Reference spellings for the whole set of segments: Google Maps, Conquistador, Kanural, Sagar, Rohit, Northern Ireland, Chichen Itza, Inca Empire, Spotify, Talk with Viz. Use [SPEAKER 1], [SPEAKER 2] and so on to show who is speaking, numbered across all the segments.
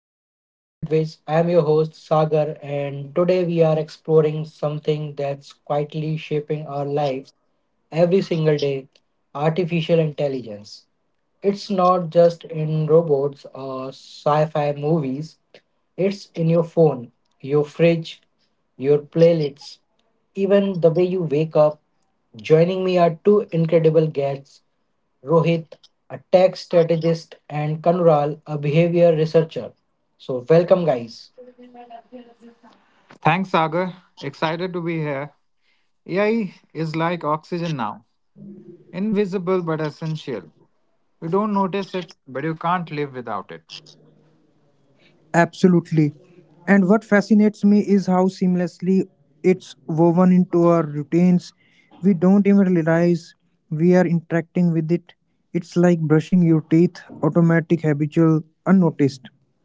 [SPEAKER 1] back to Talk with Viz. I am your host Sagar, and today we are exploring something that's quietly shaping our lives every single day, artificial intelligence. It's not just in robots or sci fi movies, it's in your phone, your fridge, your playlists, even the way you wake up. Joining me are two incredible guests, Rohit, a tech strategist, and Kanural, a behavior researcher. So, welcome, guys.
[SPEAKER 2] Thanks, Sagar. Excited to be here. AI is like oxygen now, invisible but essential. You don't notice it, but you can't live without it.
[SPEAKER 3] Absolutely. And what fascinates me is how seamlessly it's woven into our routines. We don't even realize we are interacting with it. It's like brushing your teeth, automatic, habitual, unnoticed.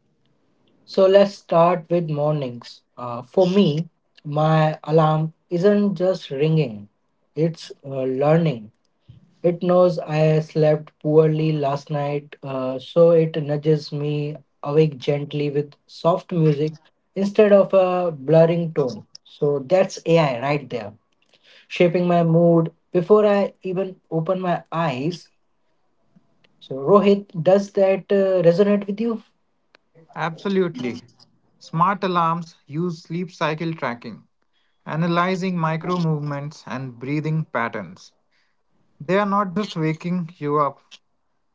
[SPEAKER 1] So, let's start with mornings. For me, my alarm isn't just ringing, it's learning. It knows I slept poorly last night, so it nudges me awake gently with soft music instead of a blurring tone. So, that's AI right there, shaping my mood before I even open my eyes. So, Rohit, does that resonate with you?
[SPEAKER 2] Absolutely. Smart alarms use sleep cycle tracking, analyzing micro movements and breathing patterns. They are not just waking you up,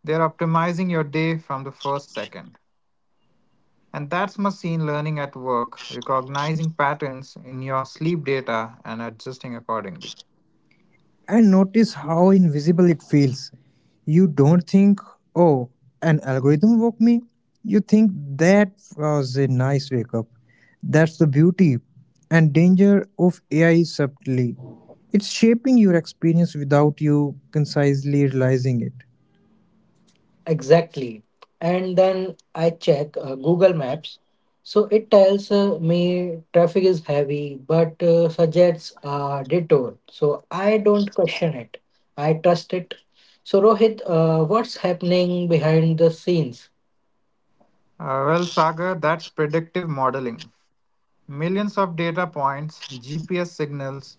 [SPEAKER 2] they are optimizing your day from the first second. And that's machine learning at work, recognizing patterns in your sleep data and adjusting accordingly.
[SPEAKER 3] And notice how invisible it feels. You don't think, oh, an algorithm woke me. You think that was a nice wake up. That's the beauty and danger of AI subtly. It's shaping your experience without you concisely realizing it.
[SPEAKER 1] Exactly. And then I check Google Maps. So it tells me traffic is heavy, but suggests a detour. So I don't question it. I trust it. So Rohit, what's happening behind the scenes?
[SPEAKER 2] Well, Sagar, that's predictive modeling. Millions of data points, GPS signals,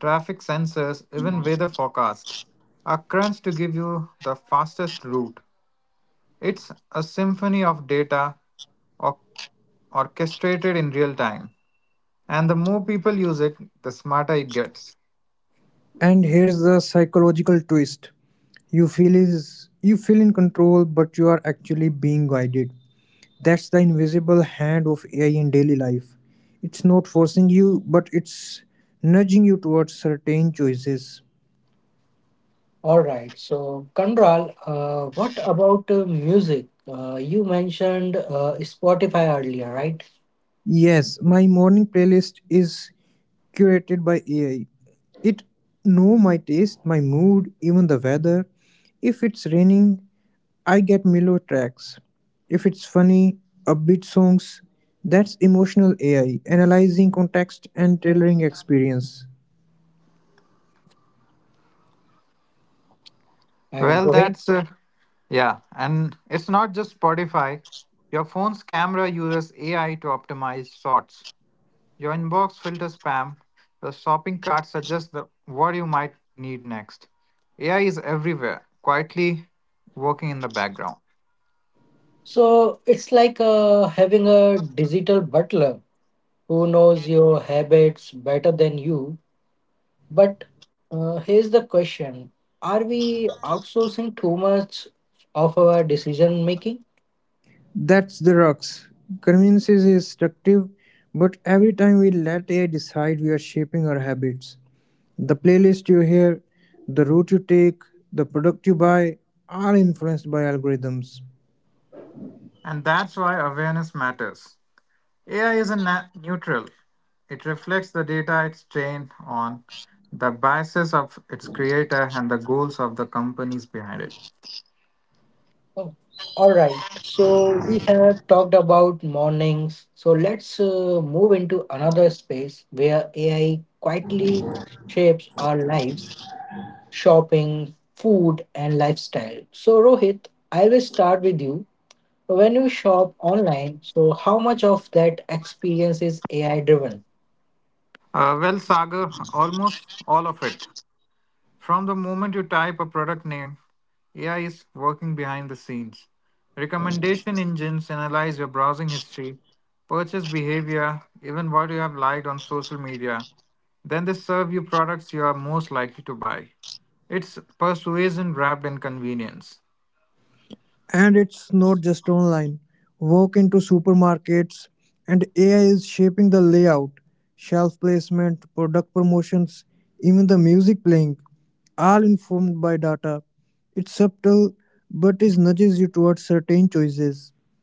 [SPEAKER 2] traffic sensors, even weather forecast are crunched to give you the fastest route. It's a symphony of data or- orchestrated in real time. And the more people use it, the smarter it gets.
[SPEAKER 3] And here's the psychological twist. You feel in control, but you are actually being guided. That's the invisible hand of AI in daily life. It's not forcing you, but it's nudging you towards certain choices.
[SPEAKER 1] All right. So, Kandral, what about music? You mentioned Spotify earlier, right?
[SPEAKER 3] Yes, my morning playlist is curated by AI. It know my taste, my mood, even the weather. If it's raining, I get mellow tracks. If it's funny, upbeat songs, that's emotional AI analyzing context and tailoring experience.
[SPEAKER 1] And
[SPEAKER 2] Well,
[SPEAKER 1] Rohit.
[SPEAKER 2] that's, uh, yeah, and it's not just Spotify. Your phone's camera uses AI to optimize shots. Your inbox filters spam, your shopping cart suggests what you might need next. AI is everywhere, quietly working in the background.
[SPEAKER 1] So, it's like having a digital butler who knows your habits better than you. But here's the question, are we outsourcing too much of our decision making?
[SPEAKER 3] That's the rocks. Convenience is destructive, but every time we let AI decide, we are shaping our habits. The playlist you hear, the route you take, the product you buy are influenced by algorithms.
[SPEAKER 2] And that's why awareness matters. AI isn't neutral, it reflects the data it's trained on, the biases of its creator, and the goals of the companies behind it.
[SPEAKER 1] Oh, all right, so we have talked about mornings. So let's move into another space where AI quietly shapes our lives, shopping, food, and lifestyle. So, Rohit, I will start with you. When you shop online, so how much of that experience is AI driven?
[SPEAKER 2] Well, Sagar, almost all of it. From the moment you type a product name, AI is working behind the scenes. Recommendation engines analyze your browsing history, purchase behavior, even what you have liked on social media. Then they serve you products you are most likely to buy. It's persuasion wrapped in convenience.
[SPEAKER 3] And it's not just online. Walk into supermarkets, and AI is shaping the layout, shelf placement, product promotions, even the music playing, all informed by data. It's subtle, but it nudges you towards certain choices.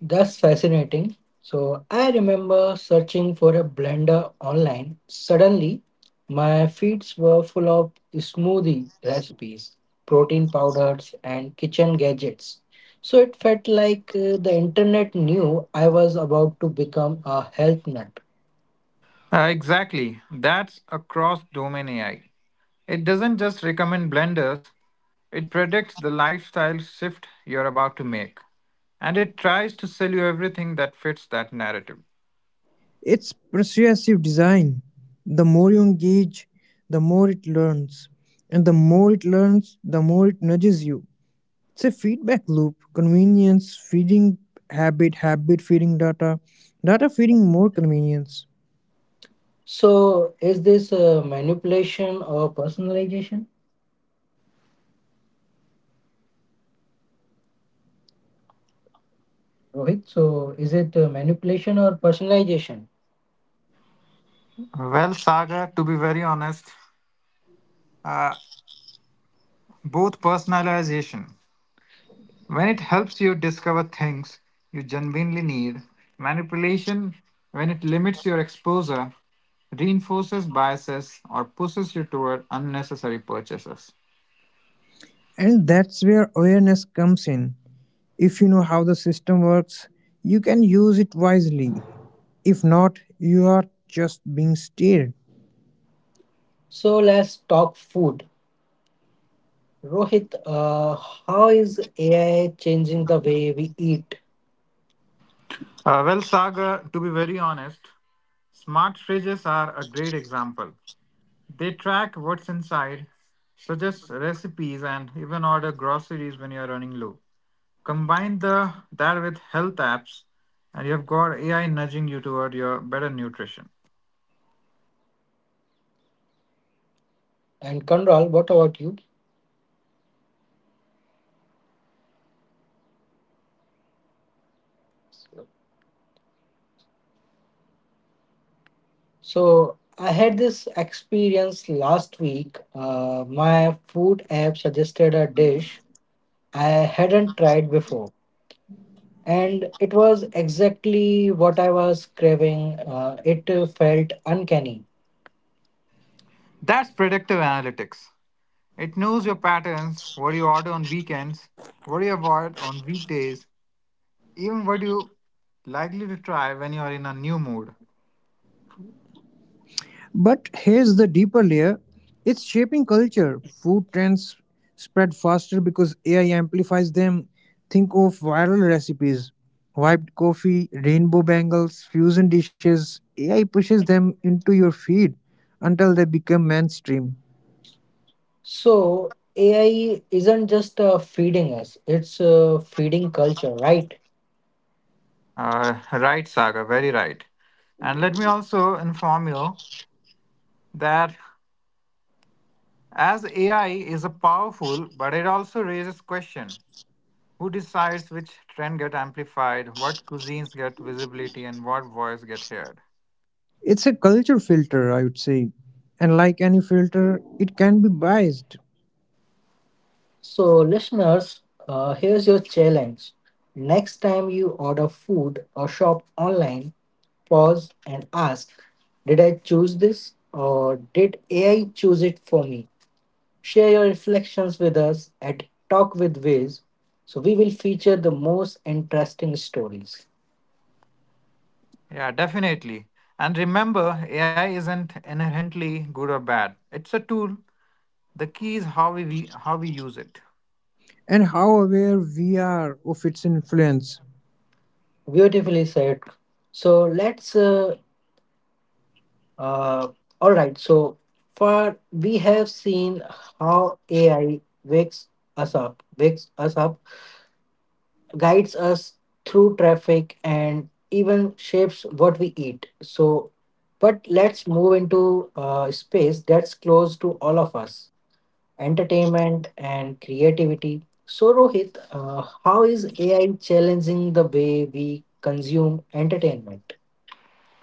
[SPEAKER 1] That's fascinating. So I remember searching for a blender online. Suddenly, my feeds were full of smoothie recipes, protein powders, and kitchen gadgets. So it felt like the internet knew I was about to become a health nut.
[SPEAKER 2] Exactly. That's a cross domain AI. It doesn't just recommend blenders, it predicts the lifestyle shift you're about to make. And it tries to sell you everything that fits that narrative.
[SPEAKER 3] It's persuasive design. The more you engage, the more it learns. And the more it learns, the more it nudges you. It's a feedback loop, convenience feeding habit, habit feeding data, data feeding more convenience.
[SPEAKER 1] So is this manipulation or personalization, Rohit? So is it manipulation or personalization?
[SPEAKER 2] Well, Saga, to be very honest, uh, both personalization when it helps you discover things you genuinely need, manipulation when it limits your exposure, reinforces biases, or pushes you toward unnecessary purchases.
[SPEAKER 3] And that's where awareness comes in. If you know how the system works, you can use it wisely. If not, you are just being steered.
[SPEAKER 1] So let's talk food. Rohit, how is AI changing the way we eat?
[SPEAKER 2] Well, Sagar, to be very honest, smart fridges are a great example. They track what's inside, suggest recipes, and even order groceries when you are running low. Combine the that with health apps, and you have got AI nudging you toward your better nutrition.
[SPEAKER 3] And restaurants also AI too.
[SPEAKER 1] And
[SPEAKER 3] Menus are
[SPEAKER 1] Kanral, what about
[SPEAKER 3] optimized
[SPEAKER 1] you?
[SPEAKER 3] based on customer data. Delivery apps predict what you all crave at certain times. Even food photography is enhanced by AI to make dishes look
[SPEAKER 1] So I had
[SPEAKER 3] irresistible.
[SPEAKER 1] this experience last week. My food app suggested a dish I hadn't tried before, and it was exactly what I was craving. It felt uncanny.
[SPEAKER 2] That's predictive analytics. It knows your patterns, what you order on weekends, what you avoid on weekdays, even what you likely to try when you are in a new mood.
[SPEAKER 3] But here's the deeper layer, it's shaping culture. Food trends spread faster because AI amplifies them. Think of viral recipes, wiped coffee, rainbow bangles, fusion dishes. AI pushes them into your feed until they become mainstream.
[SPEAKER 1] So AI isn't just feeding us; it's feeding culture, right?
[SPEAKER 2] Right, Saga, very right. And let me also inform you that as AI is a powerful, but it also raises question. Who decides which trend get amplified, what cuisines get visibility, and what voice get heard?
[SPEAKER 3] It's a culture filter, I would say. And like any filter, it can be biased.
[SPEAKER 1] So, listeners, here's your challenge. Next time you order food or shop online, pause and ask, did I choose this or did AI choose it for me? Share your reflections with us at Talk with Wiz. So, we will feature the most interesting stories.
[SPEAKER 2] Yeah, definitely. And remember, AI isn't inherently good or bad. It's a tool. The key is how how we use it.
[SPEAKER 3] And how aware we are of its influence.
[SPEAKER 1] Beautifully said. So, let's. Uh, all right. So, far we have seen how AI wakes us up, guides us through traffic and even shapes what we eat. So, but let's move into space that's close to all of us, entertainment and creativity. So, Rohit, how is AI challenging the way we consume entertainment?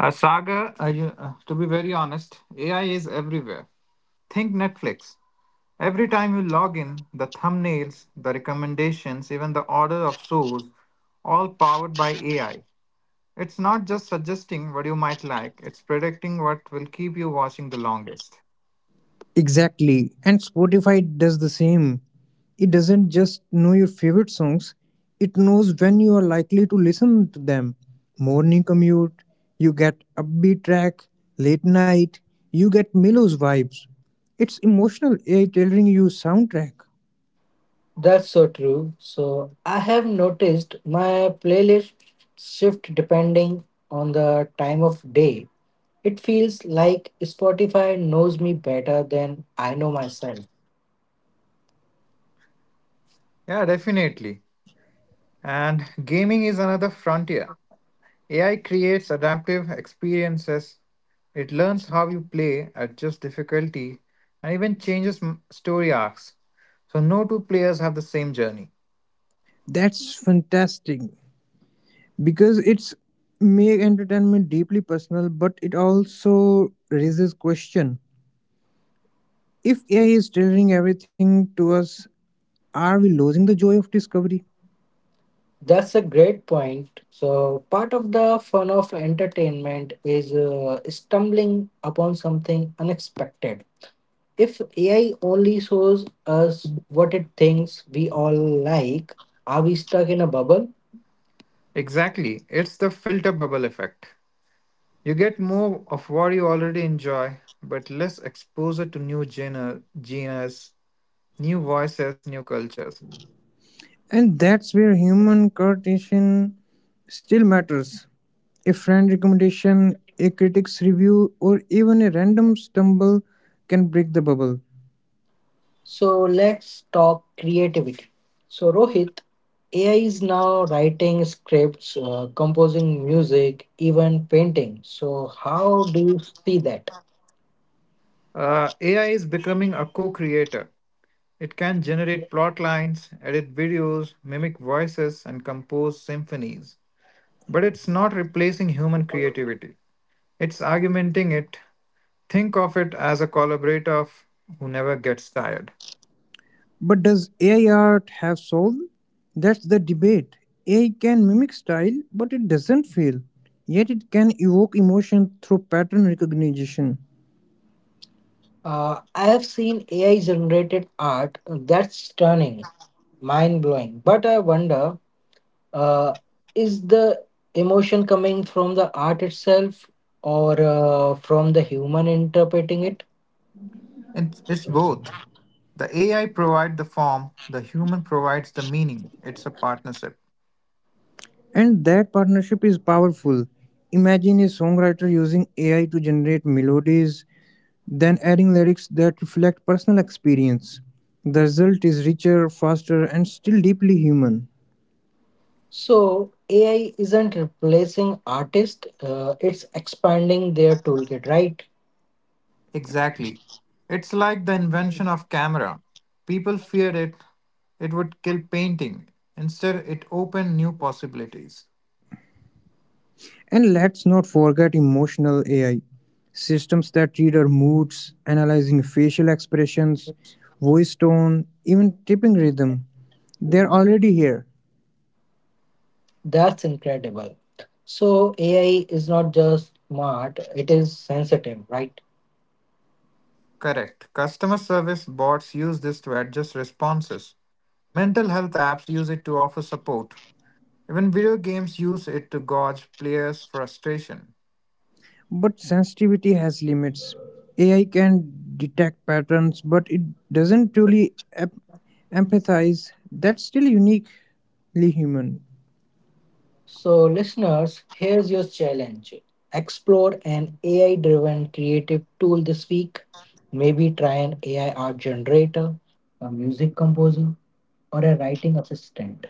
[SPEAKER 2] Saga, to be very honest, AI is everywhere. Think Netflix. Every time you log in, the thumbnails, the recommendations, even the order of shows, all powered by AI. It's not just suggesting what you might like, it's predicting what will keep you watching the longest.
[SPEAKER 3] Exactly. And Spotify does the same. It doesn't just know your favorite songs, it knows when you are likely to listen to them. Morning commute, you get upbeat track, late night, you get Milo's vibes. It's emotional AI tailoring you soundtrack.
[SPEAKER 1] That's so true. So, I have noticed my playlist shift depending on the time of day. It feels like Spotify knows me better than I know myself.
[SPEAKER 2] Yeah, definitely. And gaming is another frontier. AI creates adaptive experiences, it learns how you play, adjusts difficulty, and even changes story arcs. So, no two players have the same journey.
[SPEAKER 3] That's fantastic, because it's make entertainment deeply personal, but it also raises question. If AI is tailoring everything to us, are we losing the joy of discovery?
[SPEAKER 1] That's a great point. So, part of the fun of entertainment is stumbling upon something unexpected. If AI only shows us what it thinks we all like, are we stuck in a bubble?
[SPEAKER 2] Exactly, it's the filter bubble effect. You get more of what you already enjoy, but less exposure to new genres, new voices, new cultures.
[SPEAKER 3] And that's where human coordination still matters. A friend recommendation, a critic's review, or even a random stumble can break the bubble.
[SPEAKER 1] So, let's talk creativity. So, Rohit, AI is now writing scripts, composing music, even painting. So, how do you see that?
[SPEAKER 2] AI is becoming a co creator. It can generate plot lines, edit videos, mimic voices, and compose symphonies. But it's not replacing human creativity, it's augmenting it. Think of it as a collaborator who never gets tired.
[SPEAKER 3] But does AI art have soul? That's the debate. AI can mimic style, but it doesn't feel. Yet it can evoke emotion through pattern recognition.
[SPEAKER 1] I have seen AI generated art that's stunning, mind blowing. But I wonder, uh, is the emotion coming from the art itself or from the human interpreting it?
[SPEAKER 2] It's both. The AI provides the form, the human provides the meaning. It's a partnership.
[SPEAKER 3] And that partnership is powerful. Imagine a songwriter using AI to generate melodies, then adding lyrics that reflect personal experience. The result is richer, faster, and still deeply human.
[SPEAKER 1] So, AI isn't replacing artists, it's expanding their toolkit, right?
[SPEAKER 2] Exactly. It's like the invention of camera. People feared it, it would kill painting. Instead, it opened new possibilities.
[SPEAKER 3] And let's not forget emotional AI systems that read our moods, analyzing facial expressions, voice tone, even tipping rhythm. They're already here.
[SPEAKER 1] That's incredible. So, AI is not just smart, it is sensitive, right?
[SPEAKER 2] Correct. Customer service bots use this to adjust responses. Mental health apps use it to offer support. Even video games use it to gauge players' frustration.
[SPEAKER 3] But sensitivity has limits. AI can detect patterns, but it doesn't truly empathize. That's still uniquely human.
[SPEAKER 1] So, listeners, here's your challenge, explore an AI driven creative tool this week. Maybe try an AI art generator, a music composer, or a writing assistant.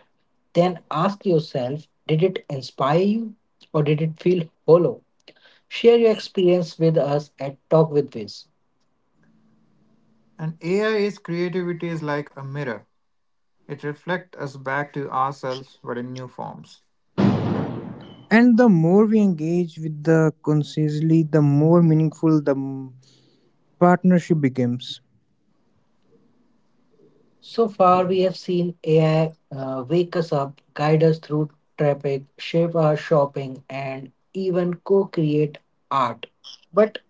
[SPEAKER 1] Then ask yourself, did it inspire you or did it feel hollow? Share your experience with us at Talk with Viz.
[SPEAKER 2] And AI's creativity is like a mirror. It reflects us back to ourselves but in new forms.
[SPEAKER 3] And the more we engage with the consciously, the more meaningful the partnership becomes.
[SPEAKER 1] So far, we have seen AI wake us up, guide us through traffic, shape our shopping, and even co create art. But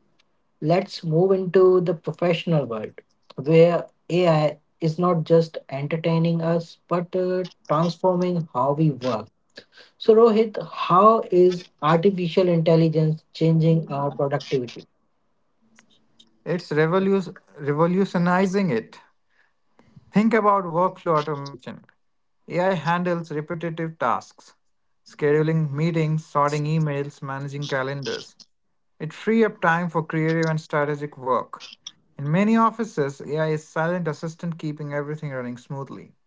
[SPEAKER 1] let's move into the professional world where AI is not just entertaining us but transforming how we work. So, Rohit, how is artificial intelligence changing our productivity?
[SPEAKER 2] It's revolutionizing it. Think about workflow automation. AI handles repetitive tasks, scheduling meetings, sorting emails, managing calendars. It frees up time for creative and strategic work. In many offices, AI is silent assistant keeping everything running smoothly.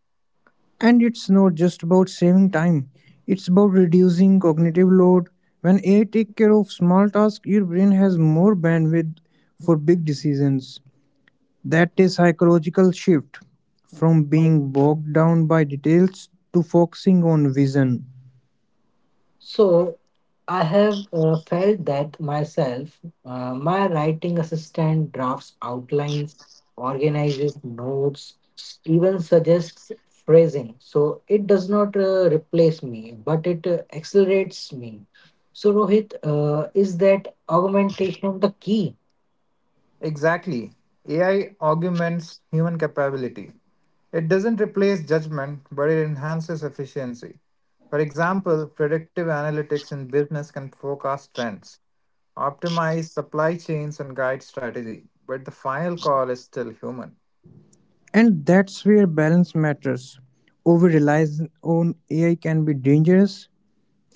[SPEAKER 3] And it's not just about saving time, it's about reducing cognitive load. When AI take care of small tasks, your brain has more bandwidth for big decisions. That is psychological shift from being bogged down by details to focusing on vision.
[SPEAKER 1] So, I have felt that myself. My writing assistant drafts outlines, organizes notes, even suggests phrasing. So it does not replace me, but it accelerates me. So, Rohit, is that augmentation the key?
[SPEAKER 2] Exactly. AI augments human capability. It doesn't replace judgment, but it enhances efficiency. For example, predictive analytics in business can forecast trends, optimize supply chains, and guide strategy, but the final call is still human.
[SPEAKER 3] And that's where balance matters. Over reliance on AI can be dangerous.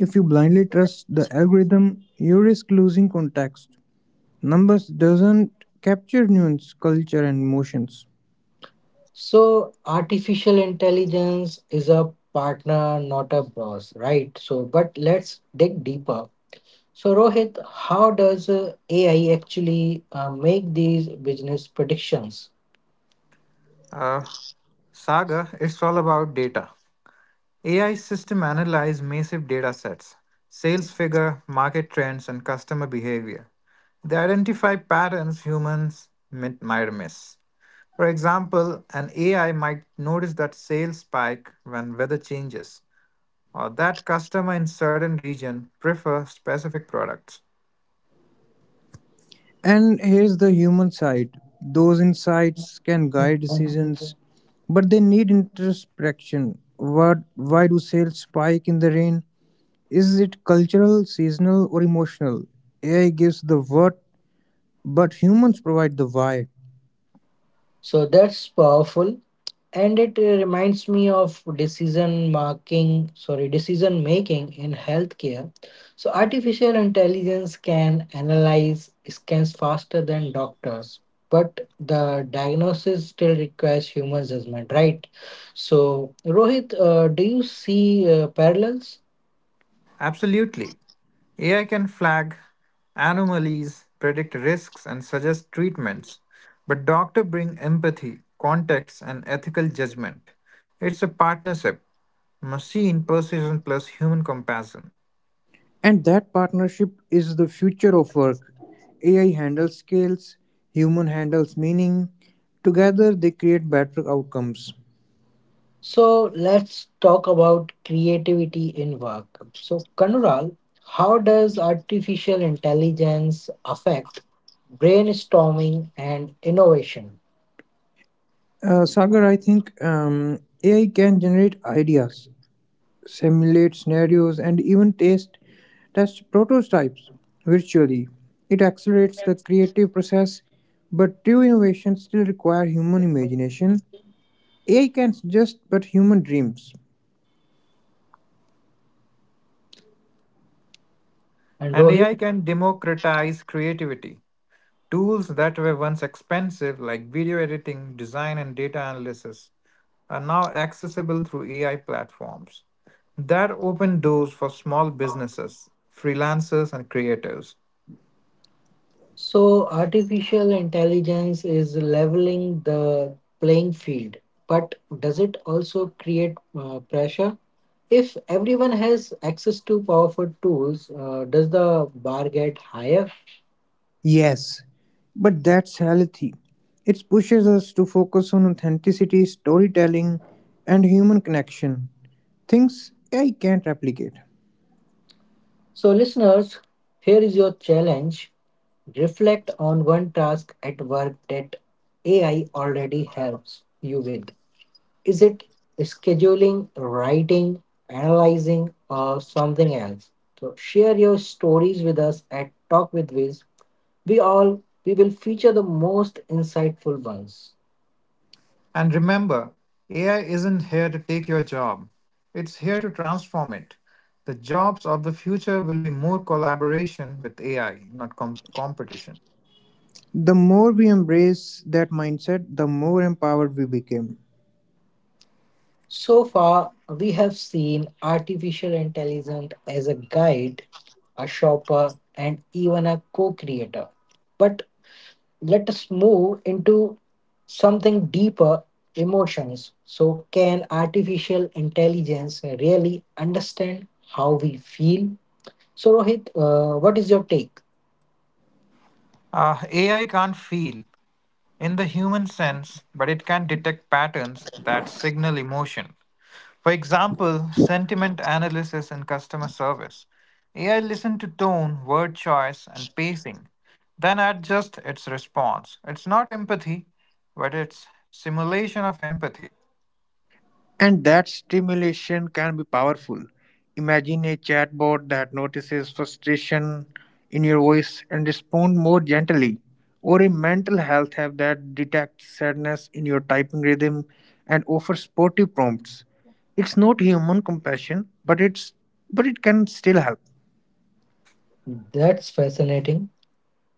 [SPEAKER 3] If you blindly trust the algorithm, you risk losing context. Numbers doesn't capture nuance, culture, and emotions.
[SPEAKER 1] So, artificial intelligence is a partner, not a boss, right? So, but let's dig deeper. So, Rohit, how does AI actually make these business predictions?
[SPEAKER 2] Uh, Saga, it's all about data. AI system analyze massive data sets, sales figure, market trends, and customer behavior. They identify patterns humans might miss. For example, an AI might notice that sales spike when weather changes, or that customer in certain region prefer specific products.
[SPEAKER 3] And here's the human side. Those insights can guide decisions, but they need introspection. What, why do sales spike in the rain? Is it cultural, seasonal, or emotional? AI gives the what, but humans provide the why.
[SPEAKER 1] So that's powerful, and it reminds me of decision making. Sorry, decision making in healthcare. So artificial intelligence can analyze scans faster than doctors, but the diagnosis still requires human judgment, right? So Rohit, do you see parallels?
[SPEAKER 2] Absolutely. AI can flag anomalies, predict risks, and suggest treatments, but doctors bring empathy, context, and ethical judgment. It's a partnership, machine precision plus human compassion.
[SPEAKER 3] And that partnership is the future of work. AI handles skills, human handles meaning. Together, they create better outcomes.
[SPEAKER 1] So let's talk about creativity in work. So, Kanural, how does artificial intelligence affect brainstorming and innovation?
[SPEAKER 3] Sagar, I think AI can generate ideas, simulate scenarios, and even taste test prototypes virtually. It accelerates the creative process, but true innovation still require human imagination. AI can suggest, but human dreams.
[SPEAKER 1] And
[SPEAKER 2] And
[SPEAKER 1] Rohit,
[SPEAKER 2] AI can democratize creativity. Tools that were once expensive, like video editing, design, and data analysis, are now accessible through AI platforms. That opened doors for small businesses, freelancers, and creators.
[SPEAKER 1] so artificial intelligence is leveling the playing field, but does it also create pressure? If everyone has access to powerful tools, does the bar get higher?
[SPEAKER 3] Yes, but that's healthy. It pushes us to focus on authenticity, storytelling, and human connection. Things AI can't replicate.
[SPEAKER 1] So, listeners, here is your challenge, reflect on one task at work that AI already helps you with. Is it scheduling, writing, analyzing, or something else? So share your stories with us at Talk with Viz. We all we will feature the most insightful ones.
[SPEAKER 2] And remember, AI isn't here to take your job, it's here to transform it. The jobs of the future will be more collaboration with AI, not competition.
[SPEAKER 3] The more we embrace that mindset, the more empowered we became.
[SPEAKER 1] So far, we have seen artificial intelligence as a guide, a shopper, and even a co creator. But let us move into something deeper, emotions. So, can artificial intelligence really understand how we feel? So, Rohit, what is your take?
[SPEAKER 2] AI can't feel in the human sense, but it can detect patterns that signal emotion. For example, sentiment analysis in customer service. AI listens to tone, word choice, and pacing, then adjusts its response. It's not empathy, but it's simulation of empathy.
[SPEAKER 3] And that stimulation can be powerful. Imagine a chatbot that notices frustration in your voice and responds more gently, or a mental health app that detects sadness in your typing rhythm and offers supportive prompts. It's not human compassion, but it can still help.
[SPEAKER 1] That's fascinating.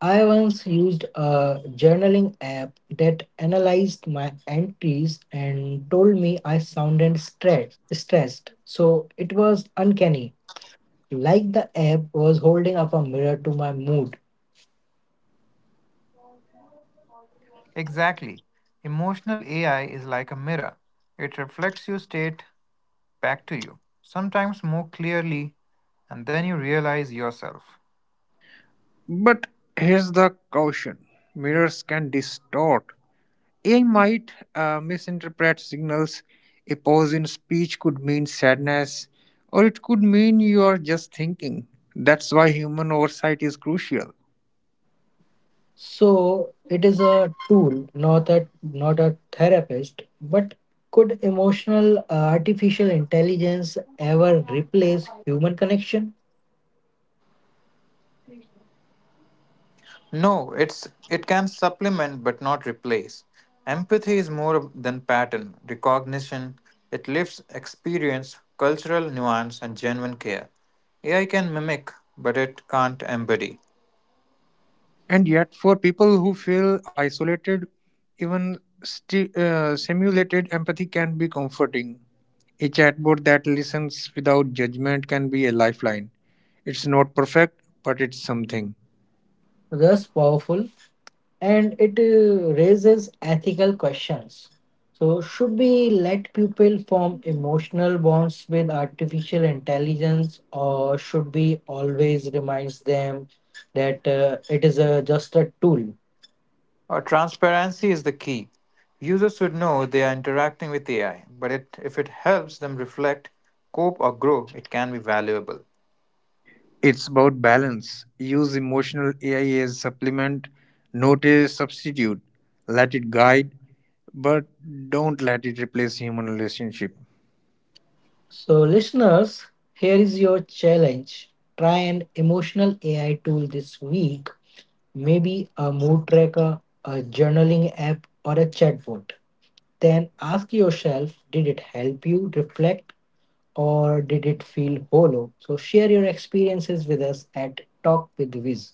[SPEAKER 1] I once used a journaling app that analyzed my entries and told me I sounded stressed. So it was uncanny, like the app was holding up a mirror to my mood.
[SPEAKER 2] Exactly. Emotional AI is like a mirror. It reflects your state back to you, sometimes more clearly, and then you realize yourself.
[SPEAKER 3] But here's the caution: mirrors can distort. AI might misinterpret signals. A pause in speech could mean sadness, or it could mean you are just thinking. That's why human oversight is crucial.
[SPEAKER 1] So it is a tool, not a therapist. But could emotional artificial intelligence ever replace human connection?
[SPEAKER 2] No, it can supplement but not replace. Empathy is more than pattern recognition. It lifts experience, cultural nuance, and genuine care. AI can mimic, but it can't embody.
[SPEAKER 3] And yet, for people who feel isolated, even simulated empathy can be comforting. A chatbot that listens without judgment can be a lifeline. It's not perfect, but it's something.
[SPEAKER 1] Thus powerful, and it raises ethical questions. So should we let people form emotional bonds with artificial intelligence, or should we always remind them that just a tool?
[SPEAKER 2] Or transparency is the key. Users should know they are interacting with AI, if it helps them reflect, cope, or grow, it can be valuable.
[SPEAKER 3] It's about balance. Use emotional AI as supplement, not as substitute. Let it guide, but don't let it replace human relationship.
[SPEAKER 1] So, listeners, here is your challenge. Try an emotional AI tool this week, maybe a mood tracker, a journaling app, or a chatbot. Then ask yourself, did it help you reflect or did it feel hollow? So, share your experiences with us at Talk with Wiz.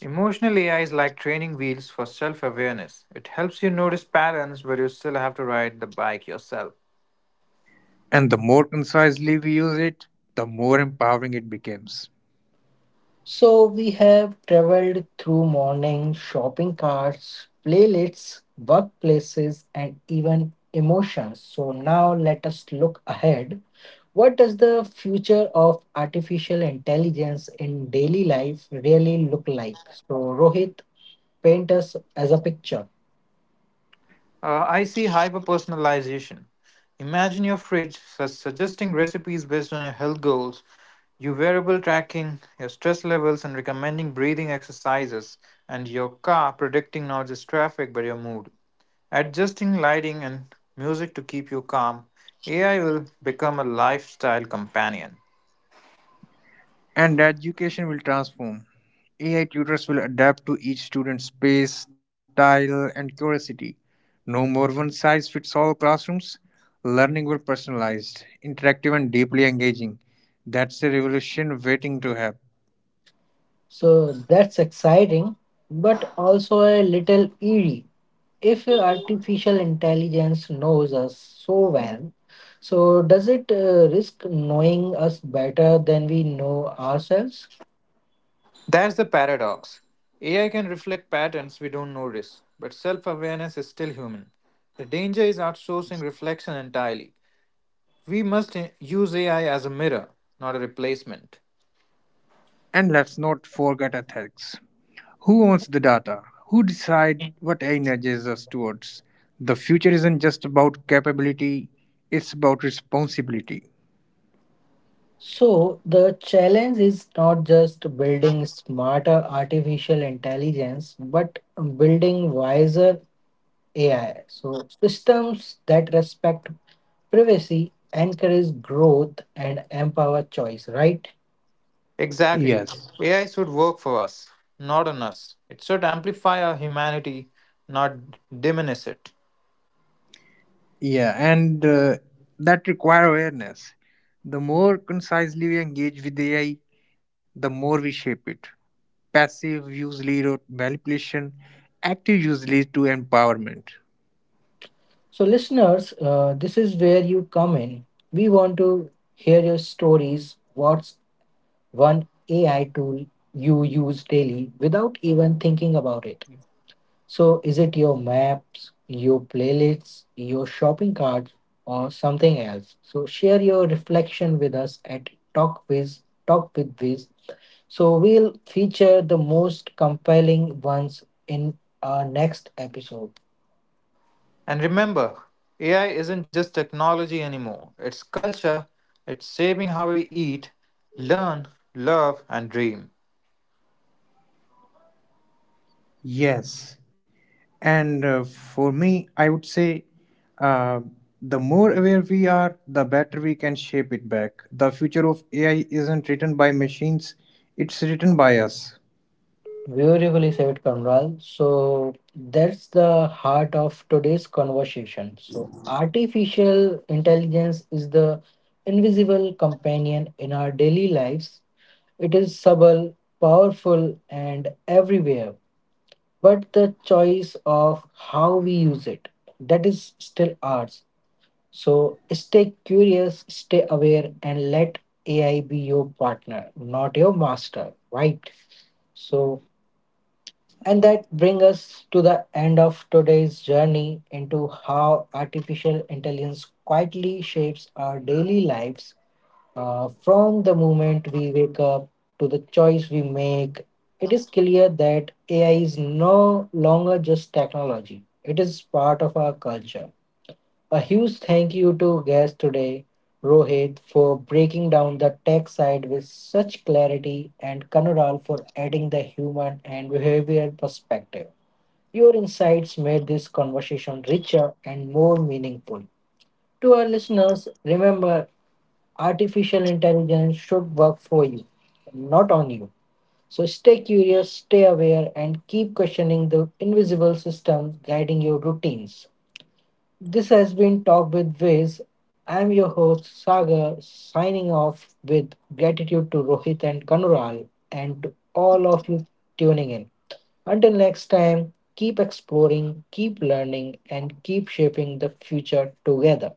[SPEAKER 2] Emotional AI is like training wheels for self awareness. It helps you notice patterns where you still have to ride the bike yourself.
[SPEAKER 3] And the more concisely we use it, the more empowering it becomes.
[SPEAKER 1] So we have traveled through morning shopping carts, playlists, workplaces, and even emotions. So now let us look ahead. What does the future of artificial intelligence in daily life really look like? So Rohit, paint us as a picture.
[SPEAKER 2] I see hyper personalization. Imagine your fridge suggesting recipes based on your health goals, your wearable tracking, your stress levels, and recommending breathing exercises, and your car predicting not just traffic but your mood. Adjusting lighting and music to keep you calm, AI will become a lifestyle companion.
[SPEAKER 3] And education will transform. AI tutors will adapt to each student's pace, style, and curiosity. No more one size fits all classrooms. Learning will be personalized, interactive, and deeply engaging. That's a revolution waiting to happen.
[SPEAKER 1] So that's exciting, but also a little eerie. If artificial intelligence knows us so well, so does it risk knowing us better than we know ourselves?
[SPEAKER 2] That's the paradox. AI can reflect patterns we don't notice, but self awareness is still human. The danger is outsourcing reflection entirely. We must use AI as a mirror, not a replacement.
[SPEAKER 3] And let's not forget ethics. Who owns the data? Who decide what AI nudges us towards? The future isn't just about capability, it's about responsibility.
[SPEAKER 1] So the challenge is not just building smarter artificial intelligence, but building wiser AI. So systems that respect privacy, encourage growth, and empower choice, right?
[SPEAKER 2] Exactly.
[SPEAKER 3] Yes.
[SPEAKER 2] AI should work for us, not on us. It should amplify our humanity, not diminish it.
[SPEAKER 3] Yeah, and that require awareness. The more concisely we engage with AI, the more we shape it. Passive use lead to manipulation, active use leads to empowerment.
[SPEAKER 1] So, listeners, this is where you come in. We want to hear your stories. What's one AI tool you use daily without even thinking about it? So, is it your maps, your playlists, your shopping carts, or something else? So, share your reflection with us at Talk with Viz. So, we'll feature the most compelling ones in our next episode.
[SPEAKER 2] And remember, AI isn't just technology anymore, it's culture, it's shaping how we eat, learn, love, and dream.
[SPEAKER 3] Yes, and for me, I would say uh, the more aware we are, the better we can shape it back. The future of AI isn't written by machines, it's written by us.
[SPEAKER 1] Beautifully said, Kamral. So that's the heart of today's conversation. So artificial intelligence is the invisible companion in our daily lives. It is subtle, powerful, and everywhere. But the choice of how we use it, that is still ours. So stay curious, stay aware, and let AI be your partner, not your master, right? So and that brings us to the end of today's journey into how artificial intelligence quietly shapes our daily lives. From the moment we wake up to the choice we make, it is clear that AI is no longer just technology, it is part of our culture. A huge thank you to guest today, Rohit, for breaking down the tech side with such clarity, and Kanural for adding the human and behavioral perspective. Your insights made this conversation richer and more meaningful. To our listeners, remember artificial intelligence should work for you, not on you. So stay curious, stay aware, and keep questioning the invisible systems guiding your routines. This has been Talk with Viz. I'm your host, Sagar, signing off with gratitude to Rohit and Kanural and all of you tuning in. Until next time, keep exploring, keep learning, and keep shaping the future together.